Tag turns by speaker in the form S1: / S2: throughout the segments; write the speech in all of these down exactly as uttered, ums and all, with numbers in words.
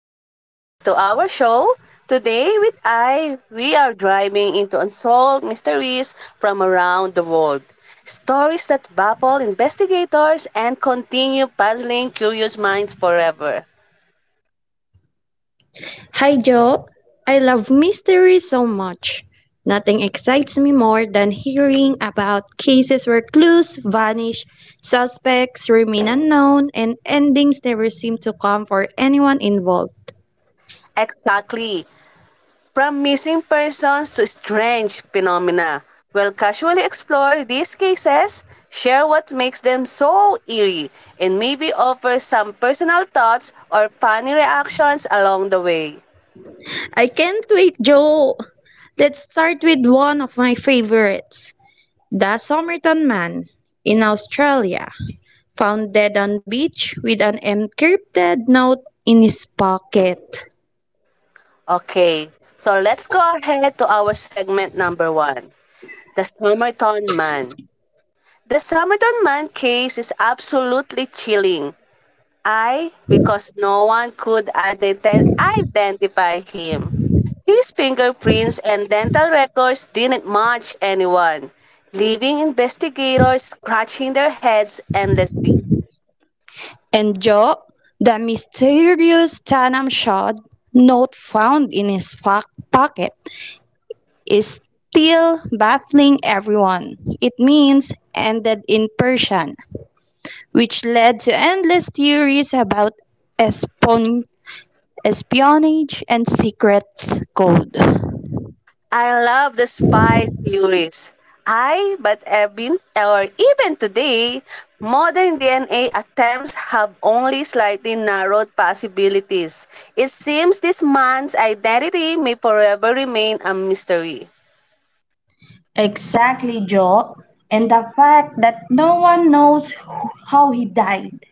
S1: welcome back to our show. Today with I, we are driving into unsolved mysteries from around the world. Stories that baffle investigators and continue puzzling curious minds forever.
S2: Hi Joe, I love mysteries so much. Nothing excites me more than hearing about cases where clues vanish, suspects remain unknown, and endings never seem to come for anyone involved.
S1: Exactly. From missing persons to strange phenomena. We'll casually explore these cases, share what makes them so eerie, and maybe offer some personal thoughts or funny reactions along the way.
S2: I can't wait, Joe! Let's start with one of my favorites, the Somerton Man in Australia, found dead on beach with an encrypted note in his pocket.
S1: Okay, so let's go ahead to our segment number one the Somerton Man. The Somerton Man case is absolutely chilling. I, because no one could ident- identify him. His fingerprints and dental records didn't match anyone, leaving investigators scratching their heads endlessly.
S2: And Job, the mysterious Tanam Shad note found in his fa- pocket, is still baffling everyone. It means ended in Persian, which led to endless theories about espon- espionage and secrets code.
S1: I love the spy theories. I, but even or even today, modern D N A attempts have only slightly narrowed possibilities. It seems this man's identity may forever remain a mystery.
S2: Exactly, Job. And the fact that no one knows who- how he died,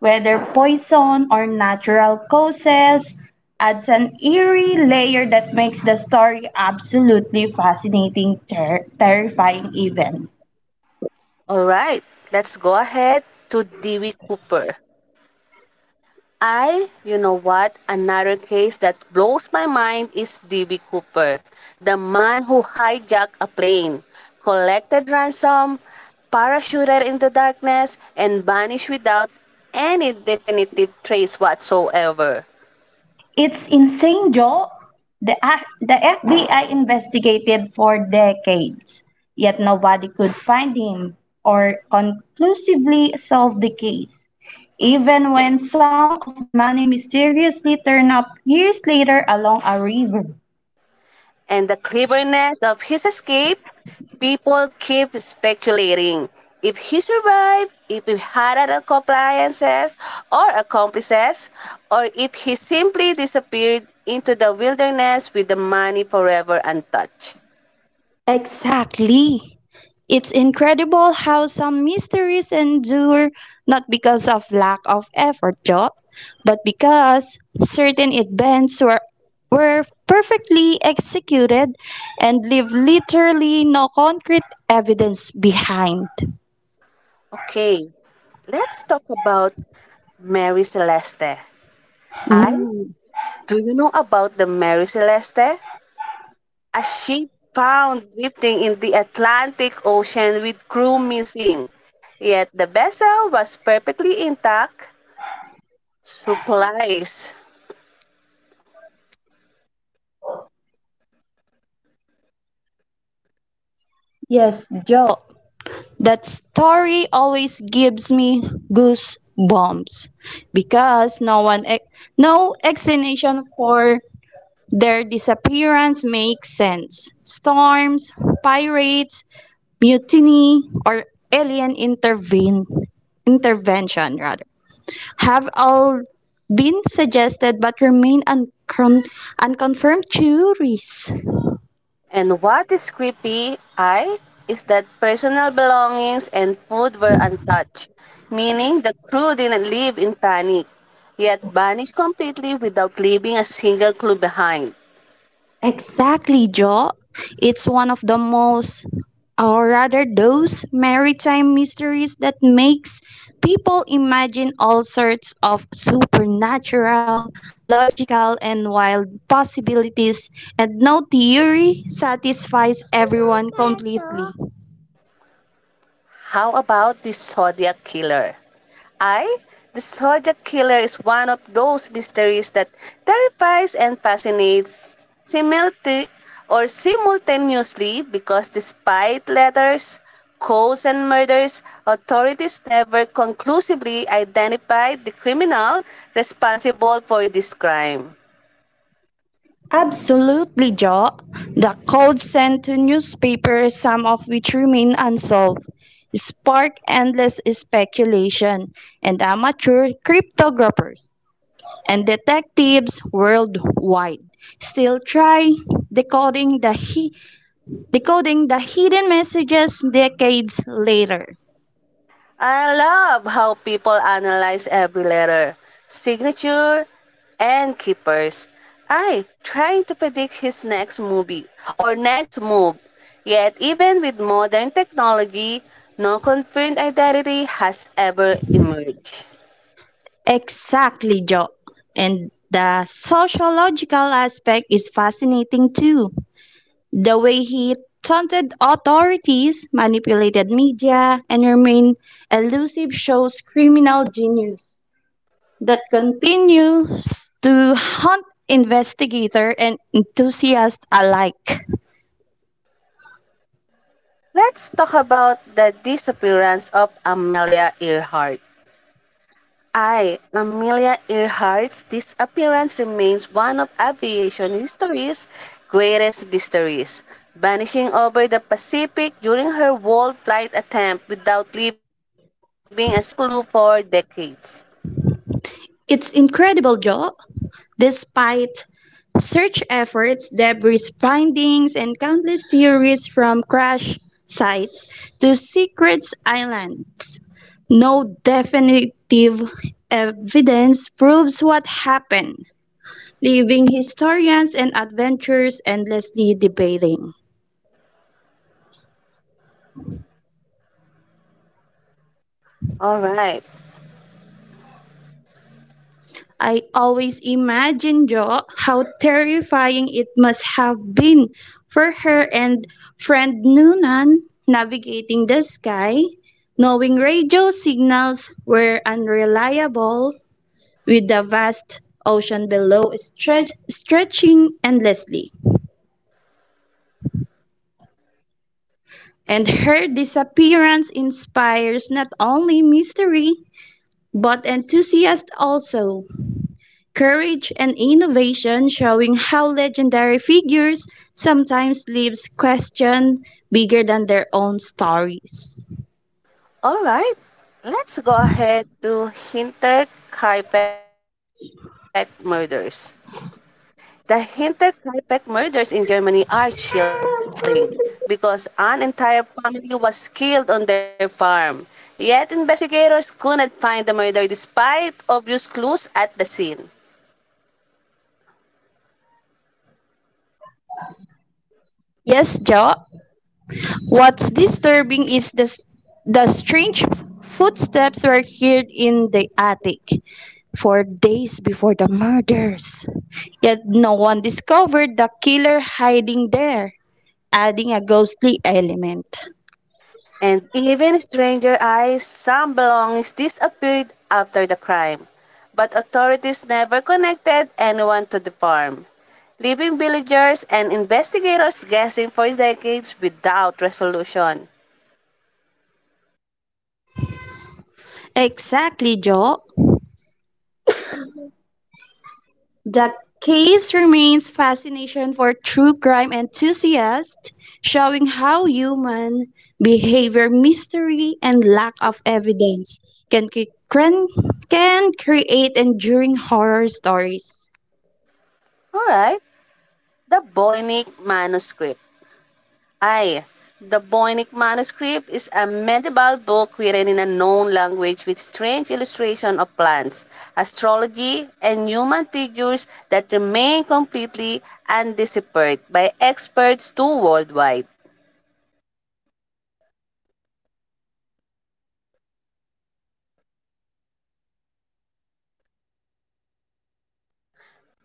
S2: whether poison or natural causes, adds an eerie layer that makes the story absolutely fascinating, ter- terrifying even.
S1: All right, let's go ahead to Dewey Cooper. I, you know what, another case that blows my mind is D B. Cooper, the man who hijacked a plane, collected ransom, parachuted into darkness, and vanished without any definitive trace whatsoever.
S2: It's insane, Joe. The, A- the F B I investigated for decades, yet nobody could find him or conclusively solve the case, even when some of the money mysteriously turned up years later along a river.
S1: And the cleverness of his escape, people keep speculating if he survived, if he had other compliances or accomplices, or if he simply disappeared into the wilderness with the money forever untouched.
S2: Exactly. It's incredible how some mysteries endure not because of lack of effort, Job, but because certain events were, were perfectly executed and leave literally no concrete evidence behind.
S1: Okay, let's talk about Mary Celeste. I,
S2: Ooh,
S1: Do you know about the Mary Celeste? A ship found drifting in the Atlantic Ocean with crew missing. Yet the vessel was perfectly intact, supplies.
S2: yes, Job. That story always gives me goosebumps because no one, ex- no explanation for their disappearance makes sense. Storms, pirates, mutiny, or alien intervene, intervention rather, have all been suggested but remain uncon- unconfirmed theories.
S1: And what is creepy, I, is that personal belongings and food were untouched, meaning the crew didn't leave in panic, yet vanished completely without leaving a single clue behind.
S2: Exactly, Joe. It's one of the most, or rather, those maritime mysteries that makes people imagine all sorts of supernatural, logical, and wild possibilities, and no theory satisfies everyone completely.
S1: How about this Zodiac killer? I, the Zodiac Killer, is one of those mysteries that terrifies and fascinates simulti- or simultaneously because despite letters, codes, and murders, authorities never conclusively identified the criminal responsible for this crime.
S2: Absolutely, Joe. The code sent to newspapers, some of which remain unsolved, spark endless speculation, and amateur cryptographers and detectives worldwide still try decoding the he- decoding the hidden messages decades later.
S1: I love how people analyze every letter, signature, and keepers. I trying to predict his next movie or next move. Yet even with modern technology, no confirmed identity has ever emerged.
S2: Exactly, Joe. And the sociological aspect is fascinating too. The way he taunted authorities, manipulated media, and remained elusive shows criminal genius that continues to haunt investigator and enthusiast alike.
S1: Let's talk about the disappearance of Amelia Earhart. I, Amelia Earhart's disappearance remains one of aviation history's greatest mysteries, vanishing over the Pacific during her world flight attempt without leaving a single clue for decades.
S2: It's incredible, Joe. Despite search efforts, debris findings, and countless theories from crash sites to secret islands, no definitive evidence proves what happened, leaving historians and adventurers endlessly debating.
S1: All right,
S2: I always imagine, Jo, how terrifying it must have been for her and friend Noonan navigating the sky, knowing radio signals were unreliable with the vast ocean below stretch, stretching endlessly. And her disappearance inspires not only mystery but enthusiasm also, courage and innovation, showing how legendary figures sometimes leaves questions bigger than their own stories.
S1: All right. Let's go ahead to Hinter murders. The Hinterkaifeck murders in Germany are chilling because an entire family was killed on their farm. Yet investigators couldn't find the murder despite obvious clues at the scene.
S2: Yes, Jo, what's disturbing is the, s- the strange footsteps were heard in the attic for days before the murders. Yet no one discovered the killer hiding there, adding a ghostly element.
S1: And even stranger eyes, some belongings disappeared after the crime. But authorities never connected anyone to the farm, leaving villagers and investigators guessing for decades without resolution.
S2: Exactly, Joe. The case remains fascination for true crime enthusiasts, showing how human behavior, mystery, and lack of evidence can, cre- can, can create enduring horror stories.
S1: All right. The Voynich Manuscript. Ay, the Voynich Manuscript is a medieval book written in a known language with strange illustration of plants, astrology, and human figures that remain completely undeciphered by experts too worldwide.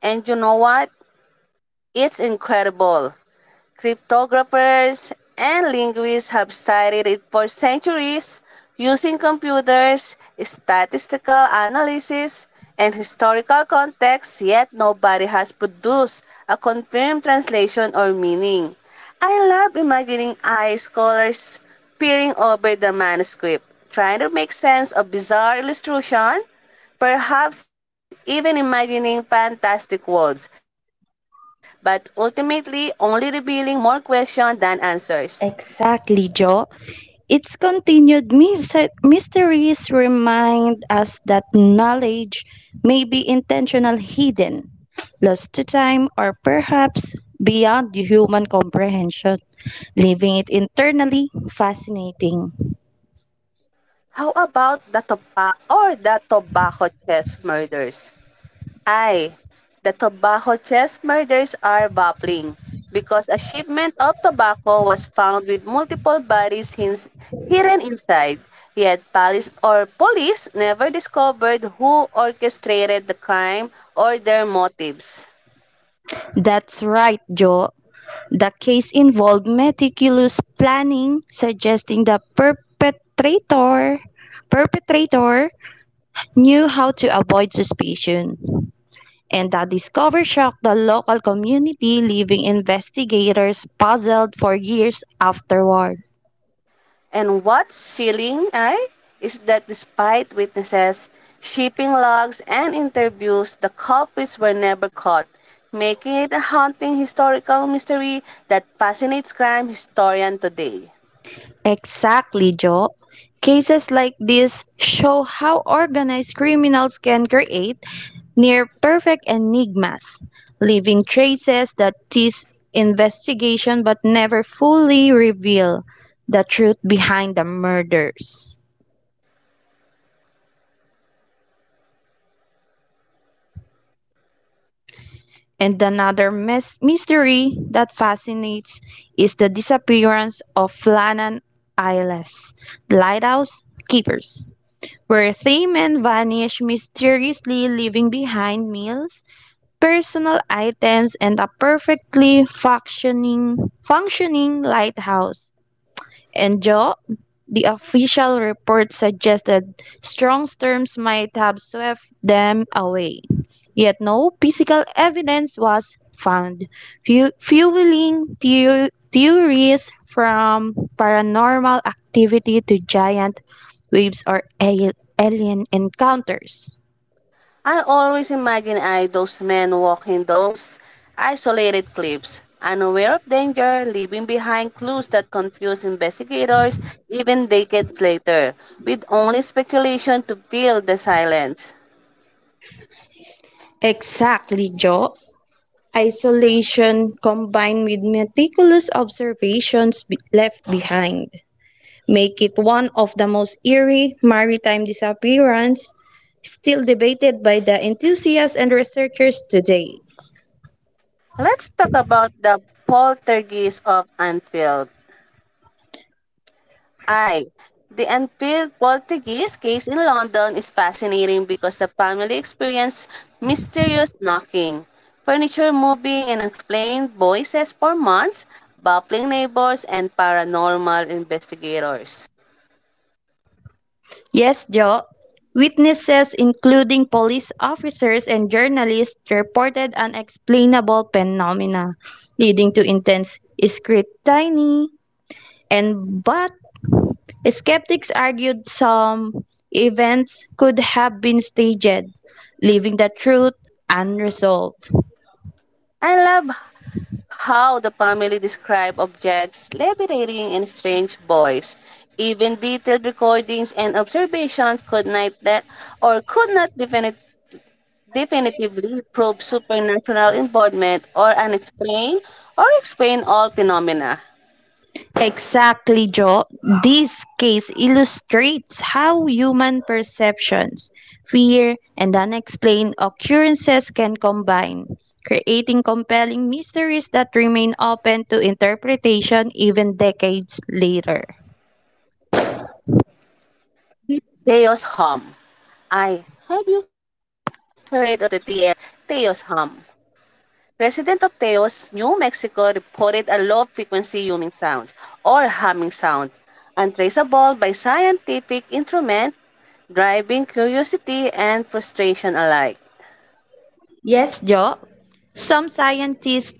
S1: And you know what? It's incredible. Cryptographers and linguists have studied it for centuries using computers, statistical analysis, and historical context, yet nobody has produced a confirmed translation or meaning. I love imagining eye scholars peering over the manuscript, trying to make sense of bizarre illustration perhaps even imagining fantastic worlds, but ultimately only revealing more questions than answers.
S2: Exactly, Joe. Its continued myse- mysteries remind us that knowledge may be intentional hidden, lost to time, or perhaps beyond human comprehension, leaving it internally fascinating.
S1: How about the Topa or the Tobacco chest murders? Ay, the Tobacco chest murders are baffling because a shipment of tobacco was found with multiple bodies hins- hidden inside. Yet police or police never discovered who orchestrated the crime or their motives.
S2: That's right, Joe. The case involved meticulous planning, suggesting the perpetrator perpetrator knew how to avoid suspicion, and that discovery shocked the local community, leaving investigators puzzled for years afterward.
S1: And what's chilling ay is that despite witnesses, shipping logs, and interviews, the culprits were never caught, making it a haunting historical mystery that fascinates crime historians today.
S2: Exactly, Joe. Cases like this show how organized criminals can create near perfect enigmas, leaving traces that tease investigation but never fully reveal the truth behind the murders. And another mys- mystery that fascinates is the disappearance of Flannan Isles, the lighthouse keepers, where three men vanish mysteriously, leaving behind meals, personal items, and a perfectly functioning, functioning lighthouse. And Joe, the official report suggested strong storms might have swept them away. Yet no physical evidence was found, fu- fueling theo- theories from paranormal activity to giant waves or al- alien encounters.
S1: I always imagine I those men walking those isolated cliffs, unaware of danger, leaving behind clues that confuse investigators even decades later, with only speculation to fill the silence.
S2: Exactly, Joe. Isolation combined with meticulous observations be- left behind make it one of the most eerie maritime disappearances still debated by the enthusiasts and researchers today.
S1: Let's talk about the poltergeist of Anfield. I. The Anfield poltergeist case in London is fascinating because the family experienced mysterious knocking, furniture moving and unexplained voices for months, baffling neighbors, and paranormal investigators.
S2: Yes, Joe. Witnesses, including police officers and journalists, reported unexplainable phenomena, leading to intense scrutiny. And but skeptics argued some events could have been staged, leaving the truth unresolved.
S1: I love how the family describe objects liberating in strange voice. Even detailed recordings and observations could not that or could not definite, definitively prove supernatural involvement or unexplained or explain all phenomena.
S2: Exactly, Joe. This case illustrates how human perceptions, fear, and unexplained occurrences can combine, creating compelling mysteries that remain open to interpretation even decades later.
S1: Theos Hum. I have you heard of the T L Theos Hum? President of Teos, New Mexico reported a low-frequency humming sound or humming sound, untraceable by scientific instrument, driving curiosity and frustration alike.
S2: Yes, Joe. Some scientists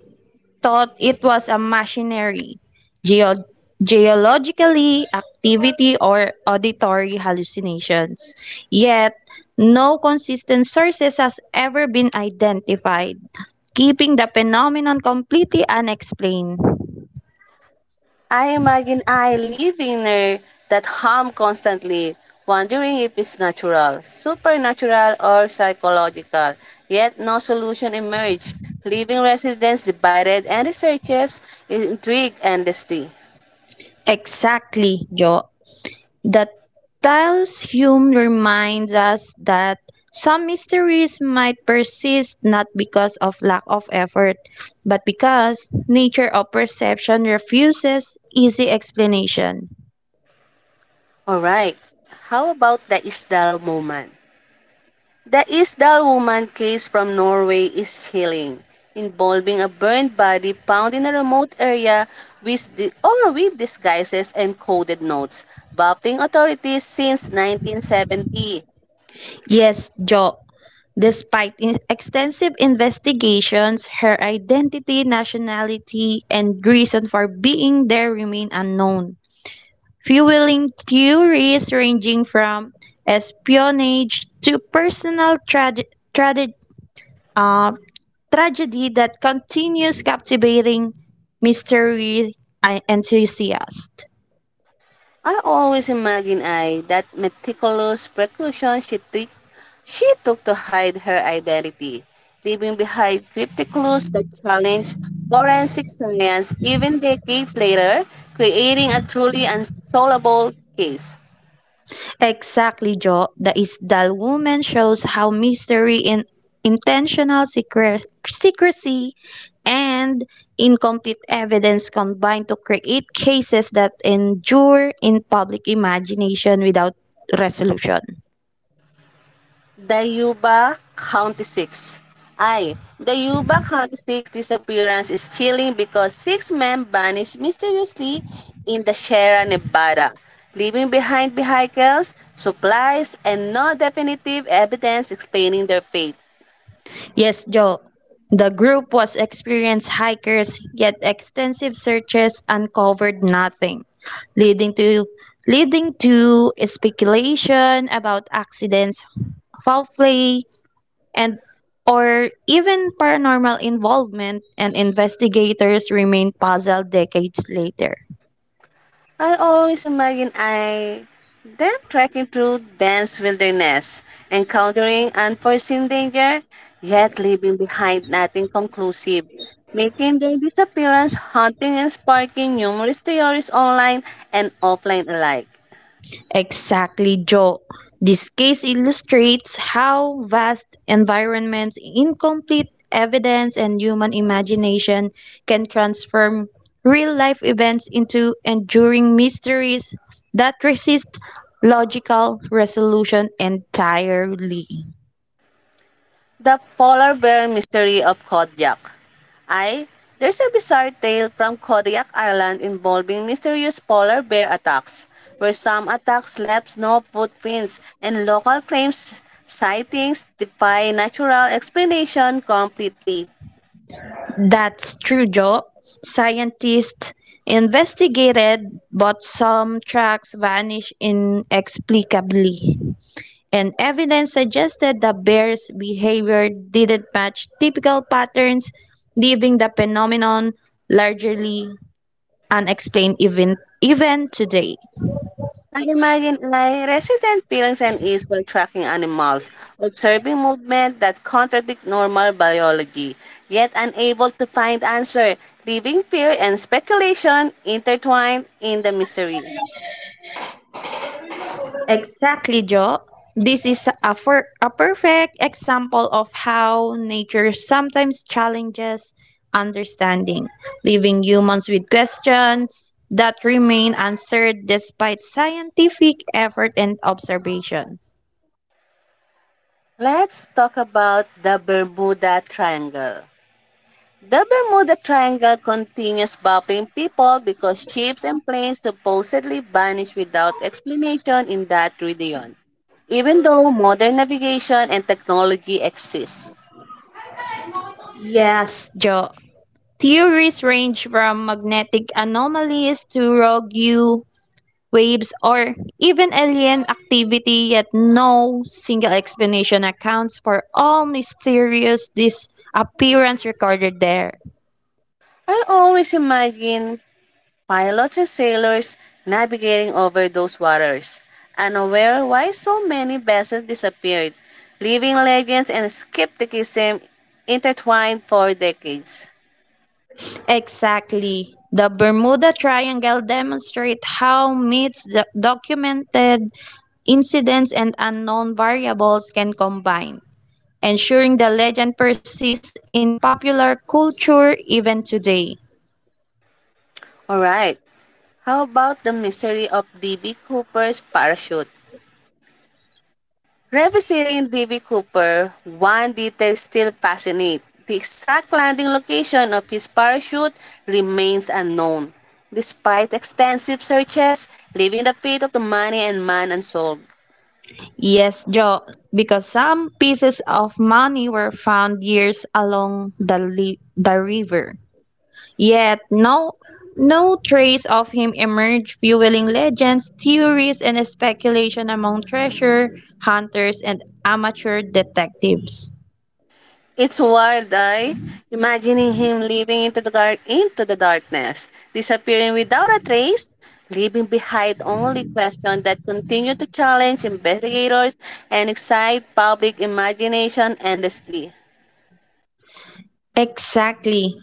S2: thought it was a machinery, geo- geologically activity or auditory hallucinations. Yet no consistent sources has ever been identified, keeping the phenomenon completely unexplained.
S1: I imagine I living there that hum constantly, wondering if it's natural, supernatural, or psychological. Yet no solution emerged, leaving residents divided and researchers intrigued endlessly.
S2: Exactly, Joe. The tale's Hume reminds us that some mysteries might persist not because of lack of effort, but because nature of perception refuses easy explanation.
S1: Alright. How about the Isdal woman? The Isdal woman case from Norway is chilling, involving a burned body found in a remote area with the, or with disguises and coded notes, baffling authorities since nineteen seventy.
S2: Yes, Jo. Despite in- extensive investigations, her identity, nationality, and reason for being there remain unknown, fueling theories ranging from espionage to personal trage- trage- uh, tragedy that continues captivating mystery uh, enthusiasts.
S1: I always imagine I that meticulous precaution she took she took to hide her identity, leaving behind cryptic clues that challenge forensic science even decades later, creating a truly unsolvable case.
S2: Exactly, Joe. The Isdal Woman shows how mystery in intentional secre- secrecy and incomplete evidence combine to create cases that endure in public imagination without resolution.
S1: Dayuba County six. I. Dayuba County six disappearance is chilling because six men vanished mysteriously in the Sierra Nevada, leaving behind vehicles, supplies, and no definitive evidence explaining their fate.
S2: Yes, Joe. The group was experienced hikers, yet extensive searches uncovered nothing, leading to leading to speculation about accidents, foul play, and or even paranormal involvement, and investigators remain puzzled decades later.
S1: I always imagine I them trekking through dense wilderness, encountering unforeseen danger, yet leaving behind nothing conclusive, making their disappearance haunting and sparking numerous theories online and offline alike.
S2: Exactly, Joe. This case illustrates how vast environments, incomplete evidence, and human imagination can transform real life events into enduring mysteries that resist logical resolution entirely.
S1: The Polar Bear Mystery of Kodiak. I. There's a bizarre tale from Kodiak Island involving mysterious polar bear attacks, where some attacks left no footprints and local claims sightings defy natural explanation completely.
S2: That's true, Joe. Scientists investigated, but some tracks vanish inexplicably, and evidence suggested the bear's behavior didn't match typical patterns, leaving the phenomenon largely unexplained even, even today.
S1: I imagine A I resident feelings and ease while tracking animals, observing movement that contradict normal biology, yet unable to find answer, leaving fear and speculation intertwined in the mystery.
S2: Exactly, Joe. This is a, fir- a perfect example of how nature sometimes challenges understanding, leaving humans with questions that remain answered despite scientific effort and observation.
S1: Let's talk about the Bermuda Triangle. The Bermuda Triangle continues baffling people because ships and planes supposedly vanish without explanation in that region, even though modern navigation and technology exists.
S2: Yes, Joe. Theories range from magnetic anomalies to rogue U waves or even alien activity, yet no single explanation accounts for all mysterious disappearance recorded there.
S1: I always imagine pilots and sailors navigating over those waters, unaware why so many vessels disappeared, leaving legends and skepticism intertwined for decades.
S2: Exactly. The Bermuda Triangle demonstrates how myths, do- documented incidents, and unknown variables can combine, ensuring the legend persists in popular culture even today.
S1: All right. How about the mystery of D B. Cooper's parachute? Revisiting D B. Cooper, one detail still fascinates. The exact landing location of his parachute remains unknown. Despite extensive searches, leaving the fate of the money and man unsolved.
S2: Yes, Joe, because some pieces of money were found years along the, li- the river. Yet no, no trace of him emerged, fueling legends, theories, and speculation among treasure hunters and amateur detectives.
S1: It's wild eye, imagining him leaping into the dark into the darkness, disappearing without a trace, leaving behind only questions that continue to challenge investigators and excite public imagination endlessly.
S2: Exactly,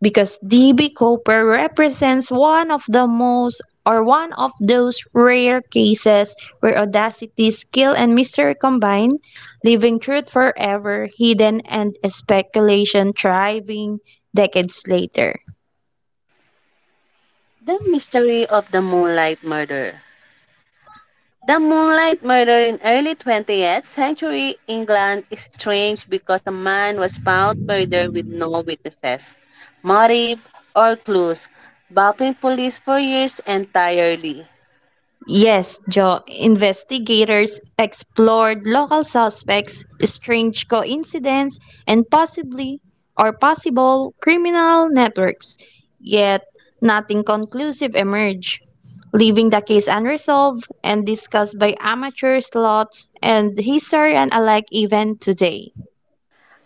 S2: because D B Cooper represents one of the most, or one of those rare cases where audacity, skill, and mystery combine, leaving truth forever hidden and speculation thriving decades later.
S1: The mystery of the moonlight murder. The Moonlight murder in early twentieth century England is strange because a man was found murdered with no witnesses, motive, or clues, baffling police for years entirely.
S2: Yes, Joe, investigators explored local suspects, strange coincidence, and possibly or possible criminal networks, yet nothing conclusive emerged, leaving the case unresolved and discussed by amateur slots and historian alike even today.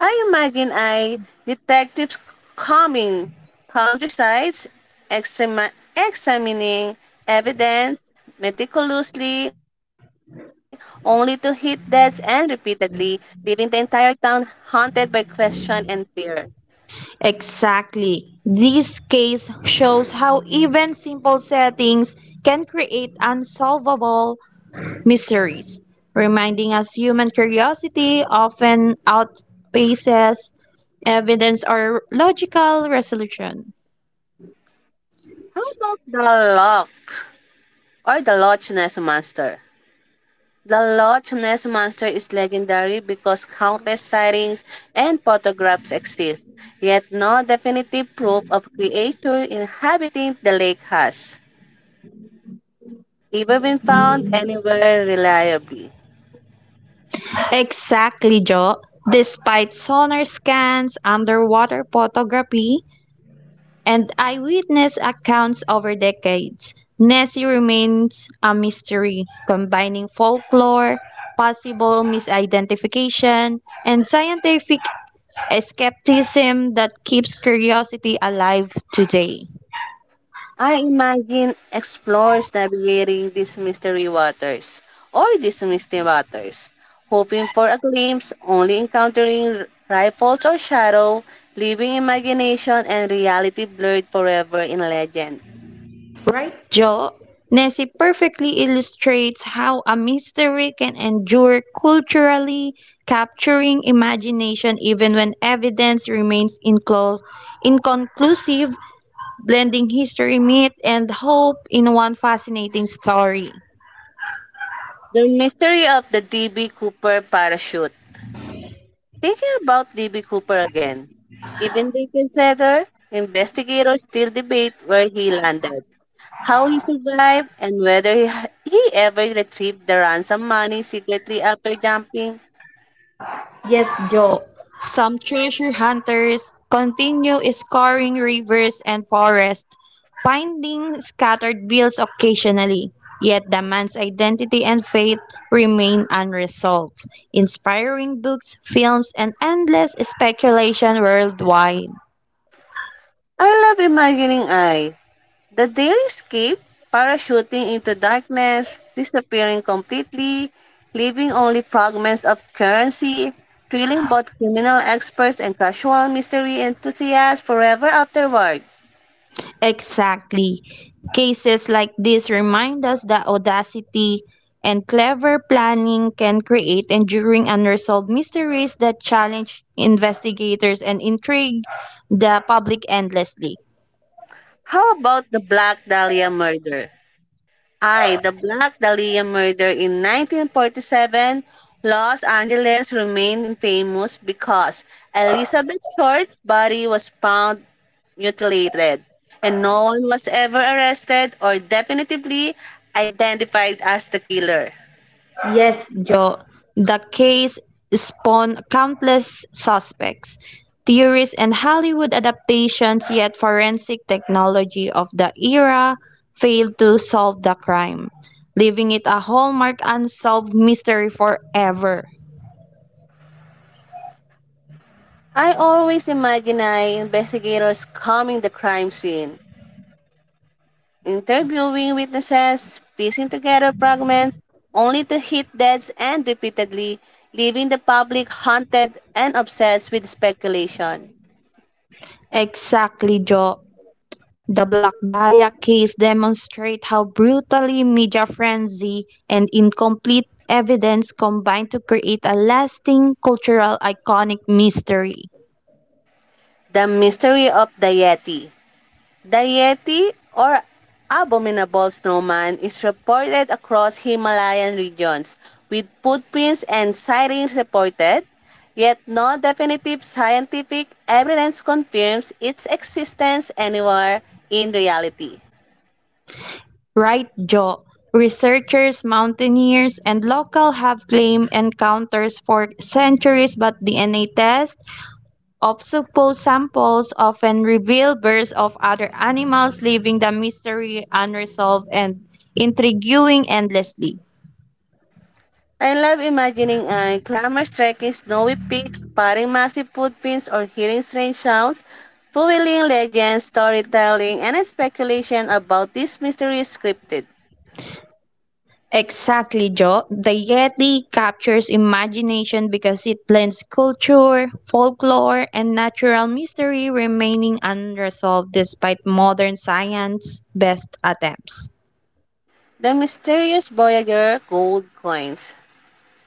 S1: I imagine I detectives combing countrysides, exami- examining evidence meticulously, only to hit deads and repeatedly, leaving the entire town haunted by question and fear.
S2: Exactly. This case shows how even simple settings can create unsolvable mysteries, reminding us human curiosity often outpaces evidence or logical resolution.
S1: How about the Loch or the Loch Ness Monster? The Loch Ness Monster is legendary because countless sightings and photographs exist, yet no definitive proof of creature inhabiting the lake has ever been found anywhere reliably.
S2: Exactly, Joe. Despite sonar scans, underwater photography, and eyewitness accounts over decades, Nessie remains a mystery, combining folklore, possible misidentification, and scientific skepticism that keeps curiosity alive today.
S1: I imagine explorers navigating these mystery waters or these misty waters, hoping for a glimpse, only encountering ripples or shadow, leaving imagination and reality blurred forever in legend.
S2: Joe, Nessie perfectly illustrates how a mystery can endure culturally, capturing imagination even when evidence remains inclo- inconclusive, blending history, myth, and hope in one fascinating story.
S1: The mystery of the D B. Cooper parachute. Thinking about D B. Cooper again, even Lincoln Center investigators still debate where he landed, how he survived, and whether he, he ever retrieved the ransom money secretly after jumping.
S2: Yes, Joe. Some treasure hunters continue scouring rivers and forests, finding scattered bills occasionally. Yet the man's identity and fate remain unresolved, inspiring books, films, and endless speculation worldwide.
S1: I love imagining I, the daily escape, parachuting into darkness, disappearing completely, leaving only fragments of currency, thrilling both criminal experts and casual mystery enthusiasts forever afterward.
S2: Exactly. Cases like this remind us that audacity and clever planning can create enduring unresolved mysteries that challenge investigators and intrigue the public endlessly.
S1: How about the Black Dahlia murder? I, The Black Dahlia murder in nineteen forty-seven, Los Angeles remained famous because Elizabeth Short's body was found mutilated, and no one was ever arrested or definitively identified as the killer.
S2: Yes, Joe. The case spawned countless suspects, theories, and Hollywood adaptations, yet forensic technology of the era failed to solve the crime, leaving it a hallmark unsolved mystery forever.
S1: I always imagine I investigators combing the crime scene, interviewing witnesses, piecing together fragments, only to hit deads and repeatedly, leaving the public haunted and obsessed with speculation.
S2: Exactly, Joe. The Black Dahlia case demonstrates how brutally media frenzy and incomplete evidence combine to create a lasting cultural iconic mystery.
S1: The mystery of the Yeti. The Yeti or abominable snowman is reported across Himalayan regions with footprints and sightings reported, yet no definitive scientific evidence confirms its existence anywhere in reality.
S2: Right, Joe. Researchers, mountaineers, and local have claimed encounters for centuries, but D N A tests of supposed samples often reveal births of other animals, leaving the mystery unresolved and intriguing endlessly.
S1: I love imagining uh, climbers trekking snowy peaks, spotting massive footprints, or hearing strange sounds, fueling legends, storytelling, and speculation about this mysterious cryptid.
S2: Exactly, Joe. The Yeti captures imagination because it blends culture, folklore, and natural mystery remaining unresolved despite modern science's best attempts.
S1: The mysterious Voyager gold coins.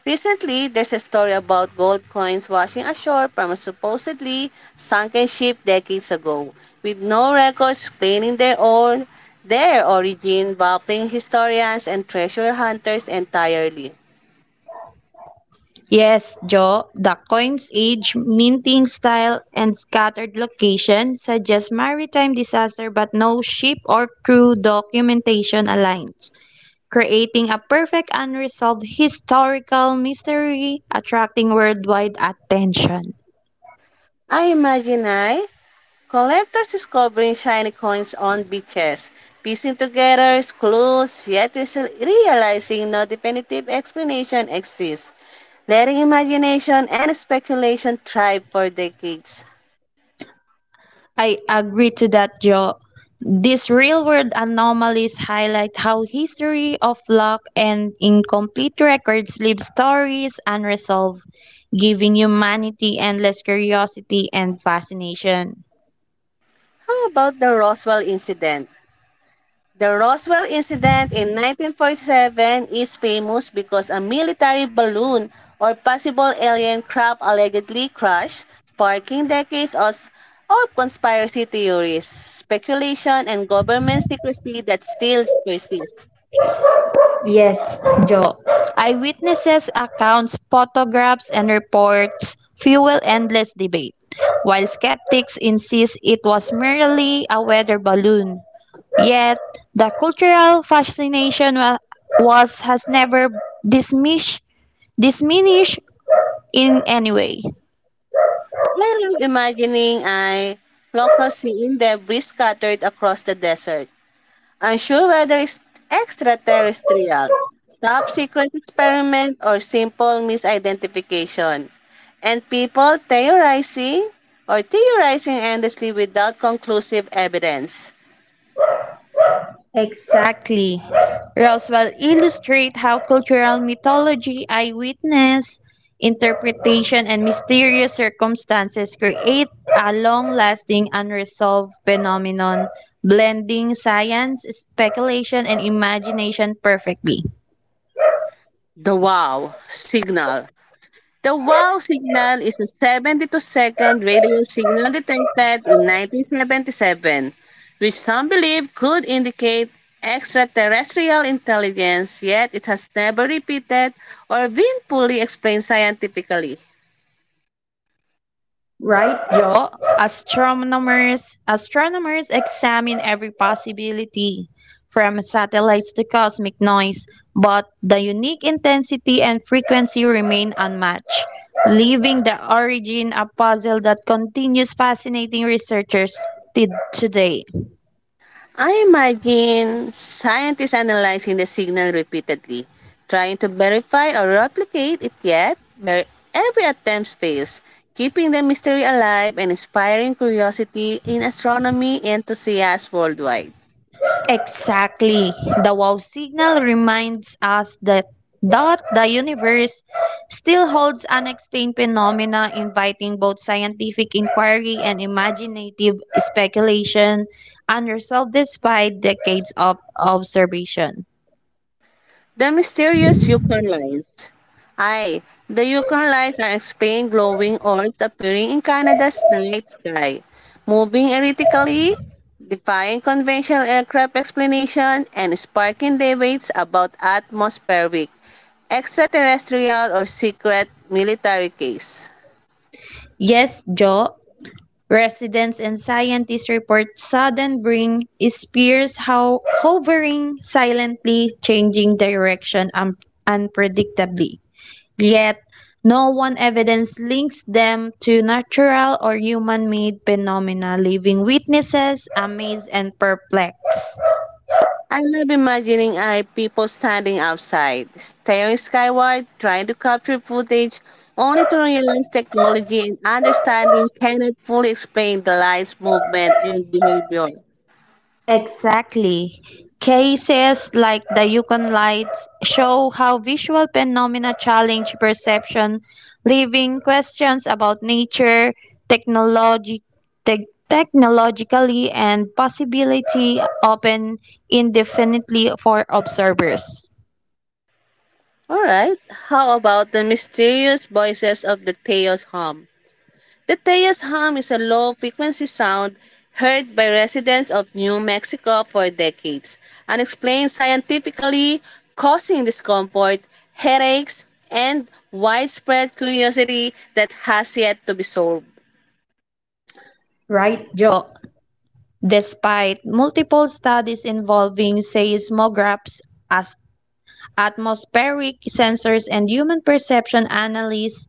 S1: Recently, there's a story about gold coins washing ashore from a supposedly sunken ship decades ago, with no records claiming their own their origin, baffling historians and treasure hunters entirely.
S2: Yes, Joe, the coin's age, minting style, and scattered location suggest maritime disaster but no ship or crew documentation aligns, creating a perfect unresolved historical mystery attracting worldwide attention.
S1: I imagine I collectors discovering shiny coins on beaches, piecing together clues, yet realizing no definitive explanation exists, letting imagination and speculation thrive for decades.
S2: I agree to that, Joe. These real world anomalies highlight how history of luck and incomplete records leave stories unresolved, giving humanity endless curiosity and fascination.
S1: How about the Roswell incident? The Roswell incident in nineteen forty-seven is famous because a military balloon or possible alien craft allegedly crashed, sparking decades of, of conspiracy theories, speculation, and government secrecy that still persists.
S2: Yes, Joe. Eyewitnesses' accounts, photographs, and reports fuel endless debate, while skeptics insist it was merely a weather balloon. Yet the cultural fascination wa- was has never dismish, diminished in any way.
S1: Layer of imagining ay local seeing debris scattered across the desert. Unsure whether it's extraterrestrial, top secret experiment, or simple misidentification. And people theorizing or theorizing endlessly without conclusive evidence.
S2: Exactly. Roswell illustrates how cultural mythology, eyewitness, interpretation, and mysterious circumstances create a long-lasting unresolved phenomenon, blending science, speculation, and imagination perfectly.
S1: The wow signal. The wow signal is a seventy-two-second radio signal detected in nineteen seventy-seven, which some believe could indicate extraterrestrial intelligence, yet it has never repeated or been fully explained scientifically.
S2: Right, Joe? Astronomers astronomers examine every possibility, from satellites to cosmic noise, but the unique intensity and frequency remain unmatched, leaving the origin a puzzle that continues fascinating researchers t- today.
S1: I imagine scientists analyzing the signal repeatedly, trying to verify or replicate it yet, but every attempt fails, keeping the mystery alive and inspiring curiosity in astronomy enthusiasts worldwide.
S2: Exactly. The wow signal reminds us that that the universe still holds unexplained phenomena inviting both scientific inquiry and imaginative speculation unresolved despite decades of observation.
S1: The mysterious Yukon Line. Hi, the Yukon lights are explained glowing orbs appearing in Canada's night sky, moving erratically, defying conventional aircraft explanation, and sparking debates about atmospheric, extraterrestrial, or secret military case.
S2: Yes, Joe, residents and scientists report sudden brain spears how hovering silently changing direction un- unpredictably. Yet no one evidence links them to natural or human made phenomena, leaving witnesses amazed and perplexed.
S1: I love imagining I people standing outside, staring skyward, trying to capture footage, only to realize technology and understanding cannot fully explain the light's movement and behavior.
S2: Exactly. Cases like the Yukon Lights show how visual phenomena challenge perception, leaving questions about nature, technology, tech- technologically, and possibility open indefinitely for observers.
S1: Alright, how about the mysterious voices of the Theos hum? The Tejas hum is a low-frequency sound heard by residents of New Mexico for decades, unexplained scientifically, causing discomfort, headaches, and widespread curiosity that has yet to be solved.
S2: Right, Joe? Despite multiple studies involving seismographs, as- atmospheric sensors, and human perception analysis,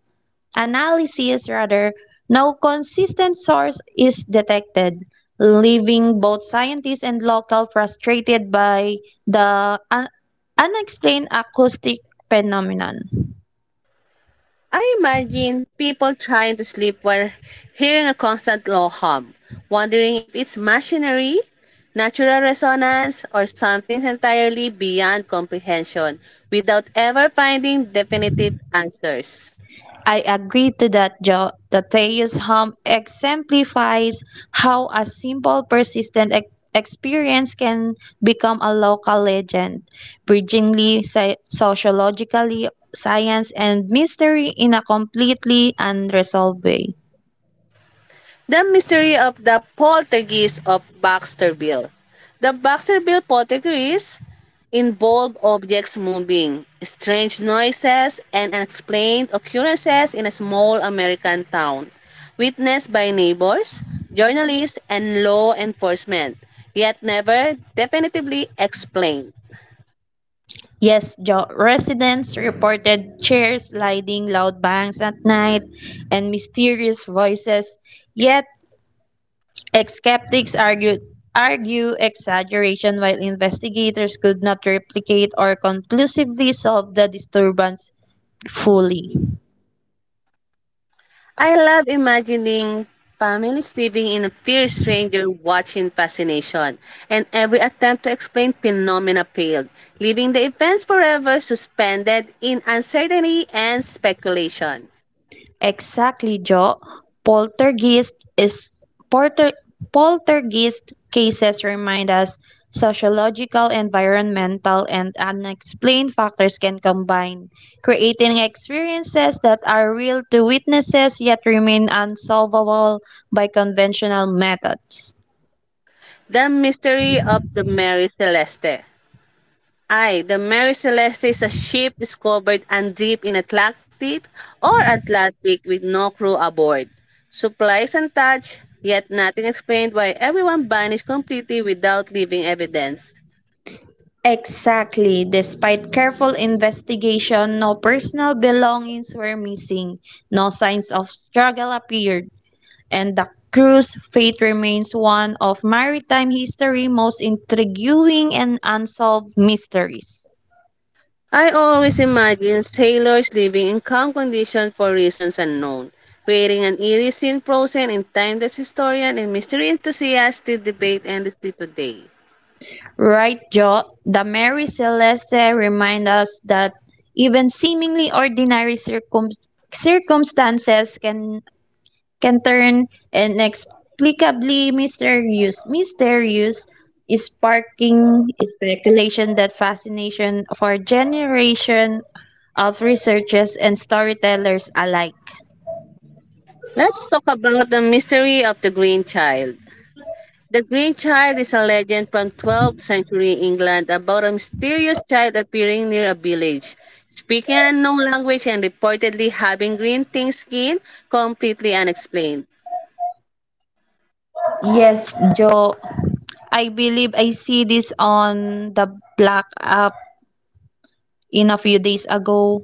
S2: analysis rather, no consistent source is detected, leaving both scientists and locals frustrated by the un- unexplained acoustic phenomenon.
S1: I imagine people trying to sleep while hearing a constant low hum, wondering if it's machinery, natural resonance, or something entirely beyond comprehension without ever finding definitive answers.
S2: I agree to that, Joe. The Teus home exemplifies how a simple, persistent ex- experience can become a local legend, bridgingly sci- sociologically science and mystery in a completely unresolved way.
S1: The Mystery of the Poltergeist of Baxterville. The Baxterville poltergeist involved objects moving, strange noises, and unexplained occurrences in a small American town, witnessed by neighbors, journalists, and law enforcement, yet never definitively explained.
S2: Yes, Joe. Residents reported chairs sliding, loud bangs at night, and mysterious voices. Yet Ex- Skeptics argued argue exaggeration while investigators could not replicate or conclusively solve the disturbance fully.
S1: I love imagining families living in a fierce stranger watching fascination, and every attempt to explain phenomena failed, leaving the events forever suspended in uncertainty and speculation.
S2: Exactly, Joe. Poltergeist is porter, Poltergeist cases remind us sociological, environmental, and unexplained factors can combine, creating experiences that are real to witnesses yet remain unsolvable by conventional methods.
S1: The mystery of the Mary Celeste. I, The Mary Celeste is a ship discovered and deep in Atlantic or Atlantic with no crew aboard. Supplies untouched, yet nothing explained why everyone vanished completely without leaving evidence.
S2: Exactly. Despite careful investigation, no personal belongings were missing, no signs of struggle appeared, and the crew's fate remains one of maritime history's most intriguing and unsolved mysteries.
S1: I always imagine sailors living in calm conditions for reasons unknown, creating an eerie scene frozen in time that historian and mystery enthusiasts still debate endlessly today.
S2: Right, Joe? The Mary Celeste remind us that even seemingly ordinary circum- circumstances can can turn inexplicably mysterious. Mysterious is sparking speculation that fascination for generation of researchers and storytellers alike.
S1: Let's talk about the mystery of the Green Child. The Green Child is a legend from twelfth century England about a mysterious child appearing near a village, speaking an unknown language and reportedly having green thin skin completely unexplained.
S2: Yes, Joe. I believe I see this on the black app in a few days ago.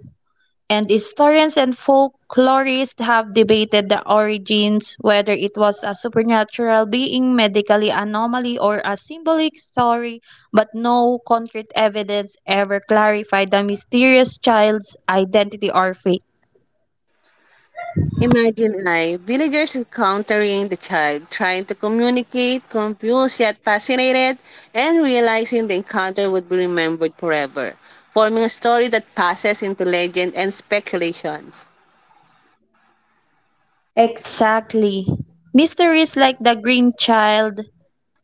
S2: And historians and folklorists have debated the origins, whether it was a supernatural being, medically anomaly, or a symbolic story, but no concrete evidence ever clarified the mysterious child's identity or fate.
S1: Imagine I, villagers encountering the child, trying to communicate, confused yet fascinated, and realizing the encounter would be remembered forever, forming a story that passes into legend and speculations.
S2: Exactly. Mysteries like the Green Child,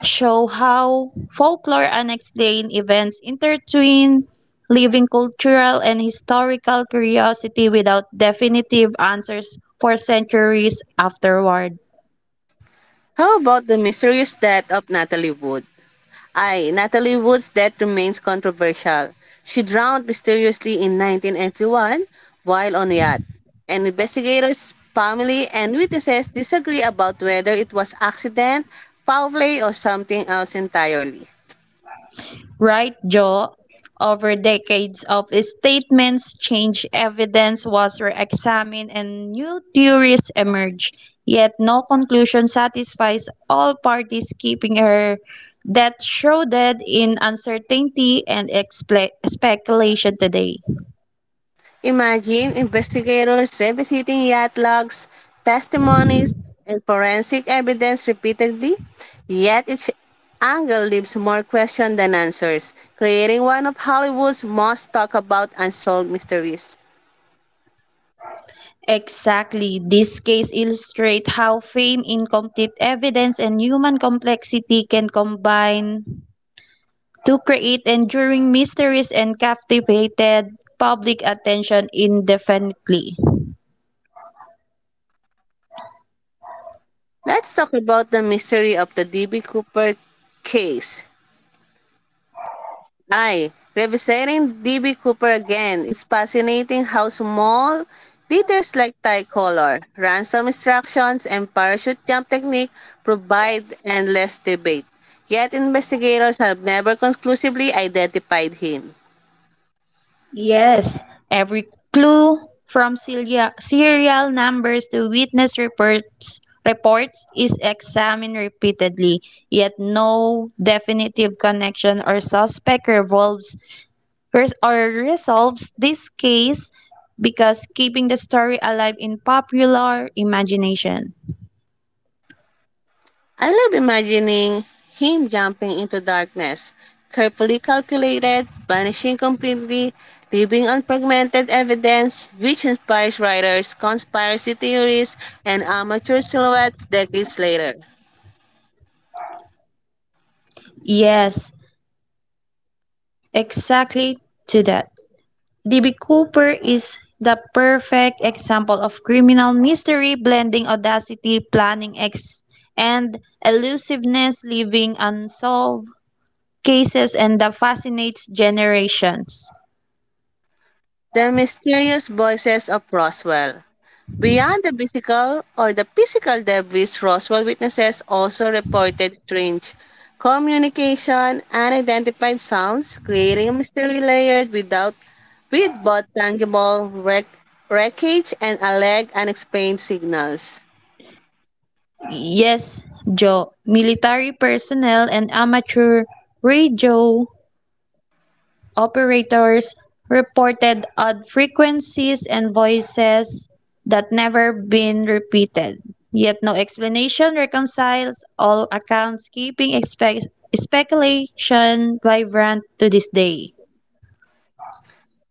S2: show how folklore and explain events intertwine, leaving cultural and historical curiosity without definitive answers for centuries afterward.
S1: How about the mysterious death of Natalie Wood? I, Natalie Wood's death remains controversial. She drowned mysteriously in nineteen eighty one while on a yacht, and investigators, family, and witnesses disagree about whether it was accident, foul play, or something else entirely.
S2: Right, Joe? Over decades of statements, change evidence was re examined and new theories emerged, yet no conclusion satisfies all parties, keeping her death shrouded in uncertainty and expla speculation today.
S1: Imagine investigators revisiting yacht logs, testimonies, and forensic evidence repeatedly, yet each angle leaves more questions than answers, creating one of Hollywood's most talked about unsolved mysteries.
S2: Exactly. This case illustrates how fame, incomplete evidence, and human complexity can combine to create enduring mysteries and captivated public attention indefinitely.
S1: Let's talk about the mystery of the D B. Cooper case. I, revisiting D B. Cooper again, is fascinating how small details like tie color, ransom instructions, and parachute jump technique provide endless debate. Yet investigators have never conclusively identified him.
S2: Yes, every clue from serial serial numbers to witness reports reports is examined repeatedly, yet no definitive connection or suspect revolves res- or resolves this case because keeping the story alive in popular imagination.
S1: I love imagining him jumping into darkness, carefully calculated, vanishing completely, leaving unfragmented evidence, which inspires writers, conspiracy theories, and amateur silhouettes decades later.
S2: Yes, exactly to that. D B. Cooper is the perfect example of criminal mystery blending audacity, planning, ex- and elusiveness, leaving unsolved cases and that fascinates generations.
S1: The mysterious voices of Roswell. Beyond the physical or the physical debris, Roswell witnesses also reported strange communication and identified sounds, creating a mystery layered without with both tangible wreck, wreckage and alleged unexplained signals.
S2: Yes, Joe, military personnel and amateur radio operators reported odd frequencies and voices that never been repeated. Yet no explanation reconciles all accounts, keeping expe- speculation vibrant to this day.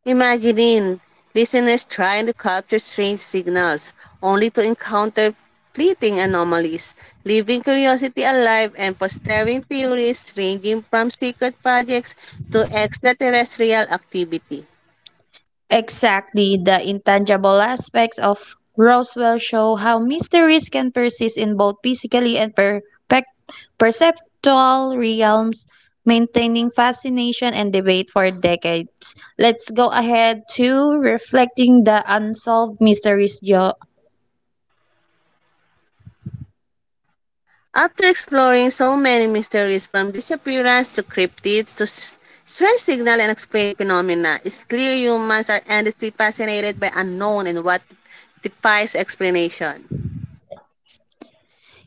S1: Imagining listeners trying to capture strange signals only to encounter fleeting anomalies, leaving curiosity alive and fostering theories ranging from secret projects to extraterrestrial activity.
S2: Exactly, the intangible aspects of Roswell show how mysteries can persist in both physically and perpec- perceptual realms, maintaining fascination and debate for decades. Let's go ahead to reflecting the unsolved mysteries jo-
S1: After exploring so many mysteries from disappearance to cryptids to s- strange signal and explained phenomena, it's clear humans are endlessly fascinated by unknown and what defies explanation.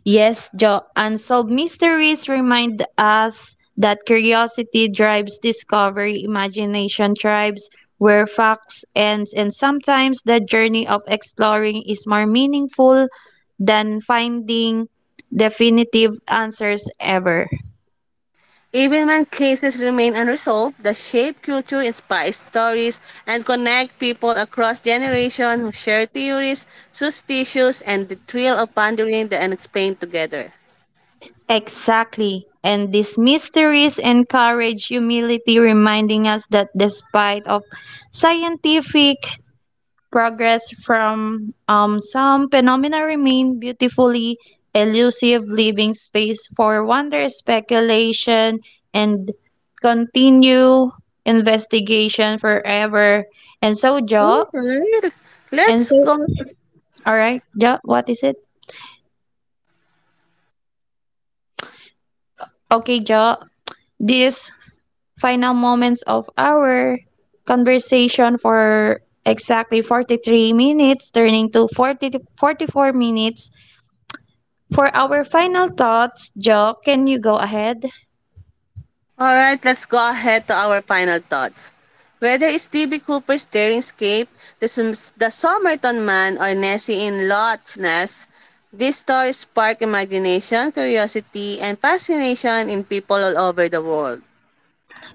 S2: Yes, Jo, unsolved mysteries remind us that curiosity drives discovery, imagination drives where facts ends, and sometimes the journey of exploring is more meaningful than finding definitive answers ever.
S1: Even when cases remain unresolved, the shape culture inspires stories and connect people across generations who share theories, suspicions, and the thrill of pondering the unexplained together.
S2: Exactly. And these mysteries encourage humility, reminding us that despite of scientific progress from um, some phenomena remain beautifully elusive, leaving space for wonder, speculation, and continue investigation forever. And so, Jo,
S1: Alright,
S2: and
S1: let's
S2: so,
S1: go.
S2: all right, Jo, what is it? Okay, Jo, these final moments of our conversation for exactly forty-three minutes, turning to forty forty four minutes. For our final thoughts, Joe, can you go ahead?
S1: Alright, let's go ahead to our final thoughts. Whether it's D B. Cooper's Daring Scape, the, Sum- the Somerton Man, or Nessie in Loch Ness, these stories spark imagination, curiosity, and fascination in people all over the world.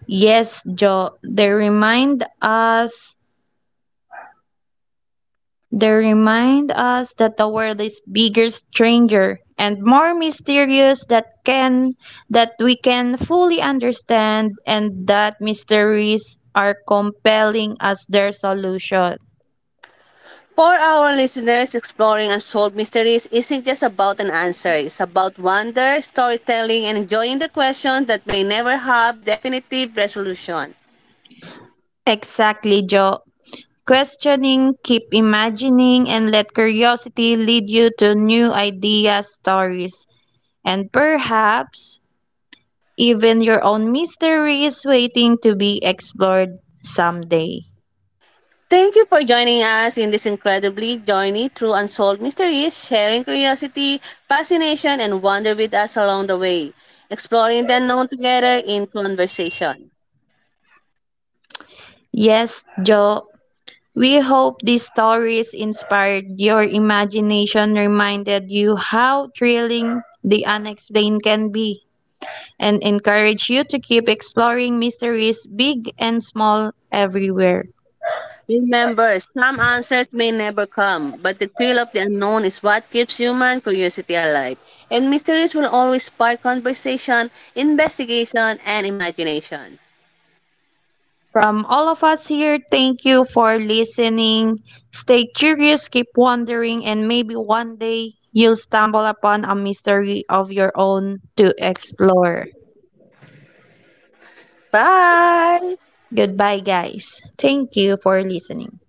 S2: Yes, Joe, they remind us they remind us that the world is bigger stranger and more mysterious that can that we can fully understand and that mysteries are compelling as their solution.
S1: For our listeners, exploring unsolved mysteries isn't just about an answer. It's about wonder, storytelling, and enjoying the questions that may never have definitive resolution.
S2: Exactly, Joe. Questioning, keep imagining, and let curiosity lead you to new ideas, stories, and perhaps even your own mystery is waiting to be explored someday.
S1: Thank you for joining us in this incredibly journey through unsolved mysteries, sharing curiosity, fascination, and wonder with us along the way, exploring the unknown together in conversation.
S2: Yes, Joe, we hope these stories inspired your imagination, reminded you how thrilling the unexplained can be, and encourage you to keep exploring mysteries big and small everywhere.
S1: Remember, some answers may never come, but the thrill of the unknown is what keeps human curiosity alive. And mysteries will always spark conversation, investigation, and imagination.
S2: From all of us here, thank you for listening. Stay curious, keep wondering, and maybe one day you'll stumble upon a mystery of your own to explore.
S1: Bye!
S2: Goodbye, guys. Thank you for listening.